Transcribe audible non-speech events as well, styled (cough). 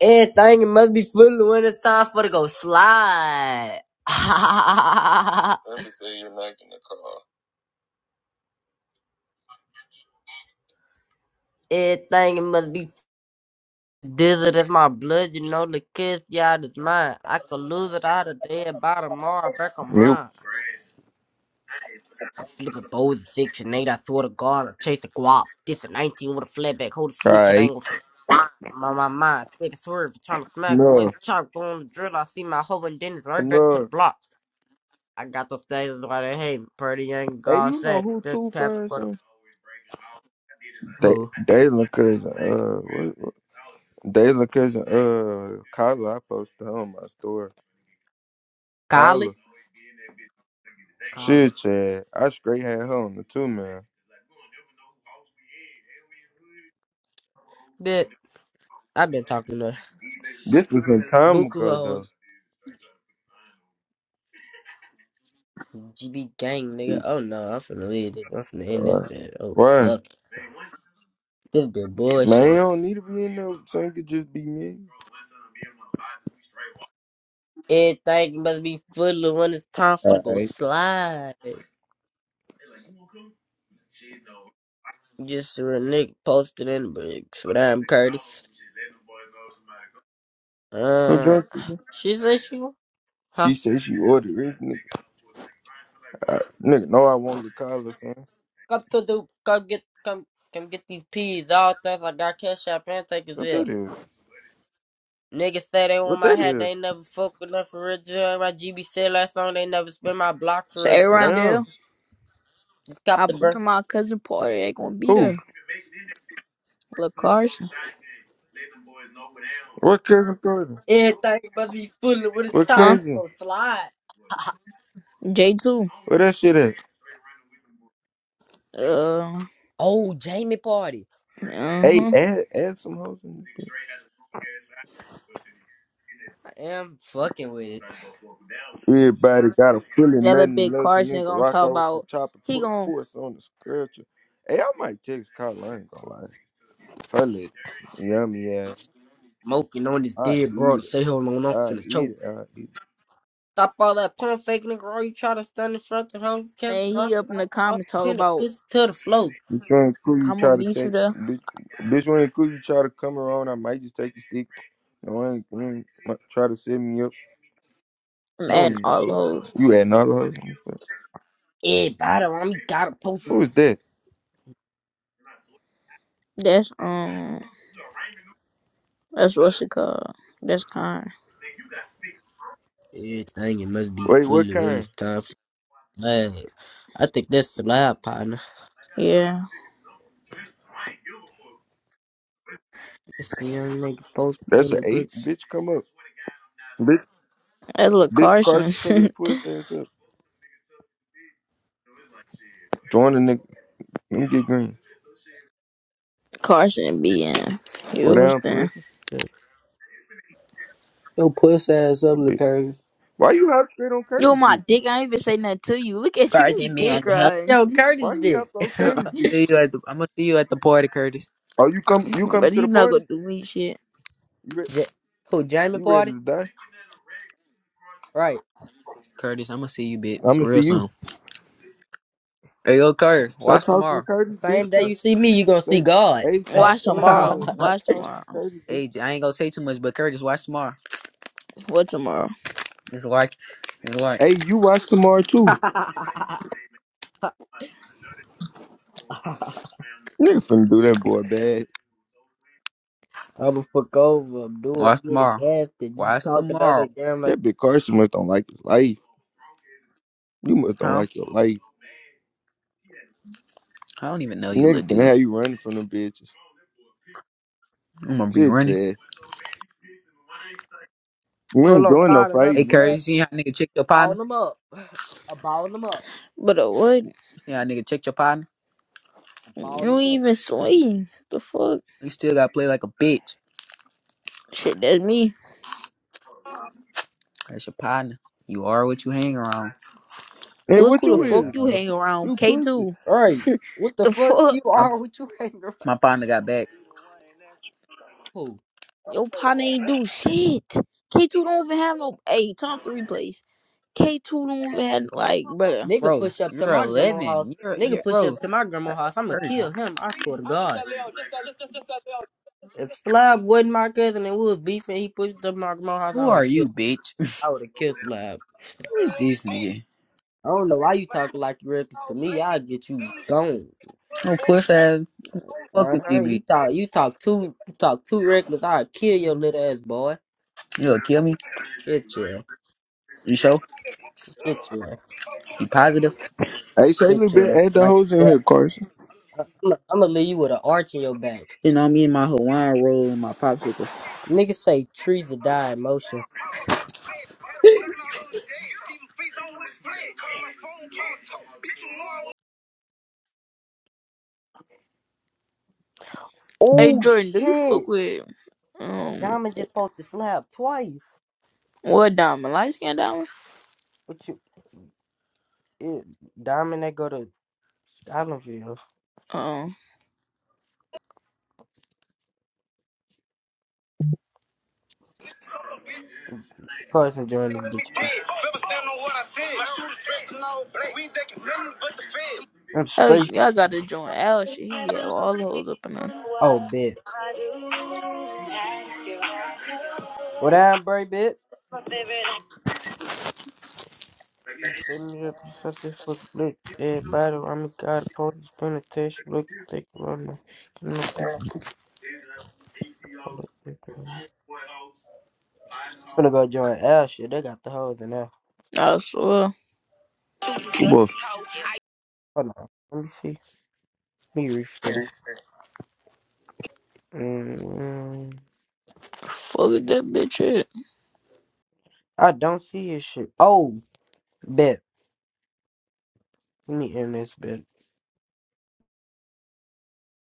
Everything must be full when it's time for to go slide. (laughs) Everything you're not in the car. (laughs) Everything must be dizzy. That's my blood, you know. The kiss, y'all, that's mine. I could lose it out all today by tomorrow. Back on Mute. mine. I'm flipping bows of section eight. I swear to God, I'm chasing guap. This a 19 with a flatback. Hold the All switch, it right. ain't gonna. My, my mind, sweat and swerve, trying to smack him with No, his chop, going on the drill. I see my hoe and Dennis right I'm back to the not. block. I got those things why they hate me. Pretty young Hey, girl you know said who this Two tap for the Ferguson? They, who? Dalen cousin, uh, what, what- Dalen cousin, uh, Kyla, I posted her on my story. Kyla, Kali? Kala. shit, Chad, I straight had her on the two man. Bit I've been talking to This was some time Buku ago though. hoes, GB gang She- nigga. Oh no, I'm finna leave this. I'm finna end this Why? bit. Oh Why? fuck, this bit Man, you bullshit. don't need to be in there. Son could just be me. Everything must be full of when it's time for to All go right. slide. Just a real nigga posted in the bricks with I'm Curtis. Who Uh, drunk you? bro? she said she, huh? She said she ordered this nigga. I, nigga, no, I want the Kyla, son. Come to do, come get, come, come get these peas. All things I got cash out and take is What that here. is? Niggas say they want What my that hat, they is? ain't never fuck with nothing for real. Just heard my GB said last song, they never spin my block for real. Say Just What well, cop, damn. Rondell, just cop pop the up to burn. my cousin party. They gonna be Who? there. Look Carson, What cousin Jordan? Everything must be fooling with his What top huh? I'm cousin? gonna slide. (laughs) J two. Where that shit at? Uh, oh, Jamie party. uh Hey, huh. add, add some hoes in this I am fucking with it. bitch. Everybody got a feeling The other nothing big less than me. Carson Can gonna rock talk out with the about. chopper, He put a gonna puss on the scratcher. Hey, I might text Kyle. I ain't gonna lie. Her lit. Yummy ass. Smoking on this I dead bro eat to it. say hold on, I'm I finna eat choke. it. I eat it. Stop all that pump fake nigga. All you try to stand in front of the house, cats and he drunk, up and in the out the house, comments talk pin the about. pussy to the floor. Bitch, you ain't cool. You I'm gonna try to meet you take. there. Bitch, bitch, you ain't cool. You try to come around. I might just take your stick. No, I ain't. I ain't- might Try to set me up. I'm You I adding don't know all what. those. I- You adding all the hoes in this bitch. Everybody on me got a poster. Who is that? That's um. That's what's it called. That's kind. Everything it must be Wait, what fully when it's kind? time for slab. I think that's slab, partner. Yeah. It's the young nigga posted That's in an the eight, bricks. bitch. Come up, bitch. That's look Big Carson. Carson, cover your pussy ass up. Join the nigga. Let me get green. Carson be in What down, Houston. pussy, Your puss ass up, little bitch. Curtis. Why you out straight on You Curtis, my bitch? dick. I ain't even say nothing to you. Look at you, you Guardian dick man, hell, Why riding. yo Curtis Why you out dick? on Curtis, (laughs) (laughs) bitch? see you at the, I'm gonna see you at the party, Curtis. Oh, you come, you come but to the you not gonna party? do me shit. You re- J- who Jamie you ready party? to die? Right. Curtis, I'm gonna see you, bitch, I'ma real see you. soon. Hey, yo, Curtis, Stop watch talking to tomorrow. The Curtis, bitch. same day Say, you see me, you gonna say, see God. hey, (laughs) stop, Watch uh, tomorrow. stop Watch talking tomorrow. to Curtis, bitch. Hey, J- I ain't gonna say too much, but Curtis, watch tomorrow. What tomorrow? Just like, just like, Hey, you watch tomorrow too. Nigga finna do that boy bad. I'ma fuck over him, do a watch nigga tomorrow. nasty, just Watch talking to tomorrow, that damn like That big Carson must don't like his life. You must don't huh? like your life. I don't even know you, Nigga little finna dude. have you running from them bitches. I'm gonna be Shit, running. Chad. We pull ain't on, doing Hey, no sign him up, hey fighting either. Curtis, see how nigga check your partner? ball him up, (laughs) I ball him up, But uh, what? See how nigga check your partner? I ball You him ain't up. even swing. The fuck? You still gotta play like a bitch. Shit, that's me. That's your partner. You are what you hang around. And Look what who the you Shit, fuck is? you no. hang around. You pussy. K2. Right. (laughs) What the the fuck fuck? you My, are with you hanging around? my partner got back. (laughs) Who? Your partner ain't do shit. K2 don't even have no. Hey, turn off the replays. K2 don't even have, like, brother. Nigga bro. push up to You're my grandma's 11. house. You're, Nigga you're push bro. up to my grandma's Cur- house. I'ma Curtis, kill him. I swear to God. If Slab wasn't my cousin and we was beefing, he pushed up to my grandma's house. I who would are have you, killed. bitch? (laughs) I would have killed Slab. Who is this nigga? I don't know why you talk like you reckless to me. I'll get you gone. Oh, push ass Uh fucking huh. You DB. talk. You talk too. You talk too reckless. I'll kill your little ass boy. You gonna kill me? Shit, yeah. You sure? Shit, yeah. You positive? Hey, say a little Shit, bit. yeah. Add the Like, hoes in bro, here, Carson. I'm gonna leave you with an arch in your back. Sitting on me in my Hawaiian roll and my popsicle. Niggas say trees will die in motion. Hey, Oh Jordan, do you shit! fuck with, um, Diamond just supposed to slap twice. what diamond? Light skin diamond? But you, it, Diamond, they go to Scotlandville. Uh-uh. Carson join this bitch. I'm Hey, straight. y'all gotta join Al shit. He be having all the hoes up in there. Oh, bitch. What I'm Bray, bitch? You set me up set this fuck look. Everybody, I'm a god. Post is gonna test. Look, take a run. Get no picture. for the people. I'm gonna go join L shit. They got the hoes in there. I swear. Boy, Hold on. Let me see. Let me refresh. Mm-hmm. Fuck that bitch is. I don't see your shit. Oh, bet. Let me end this bitch.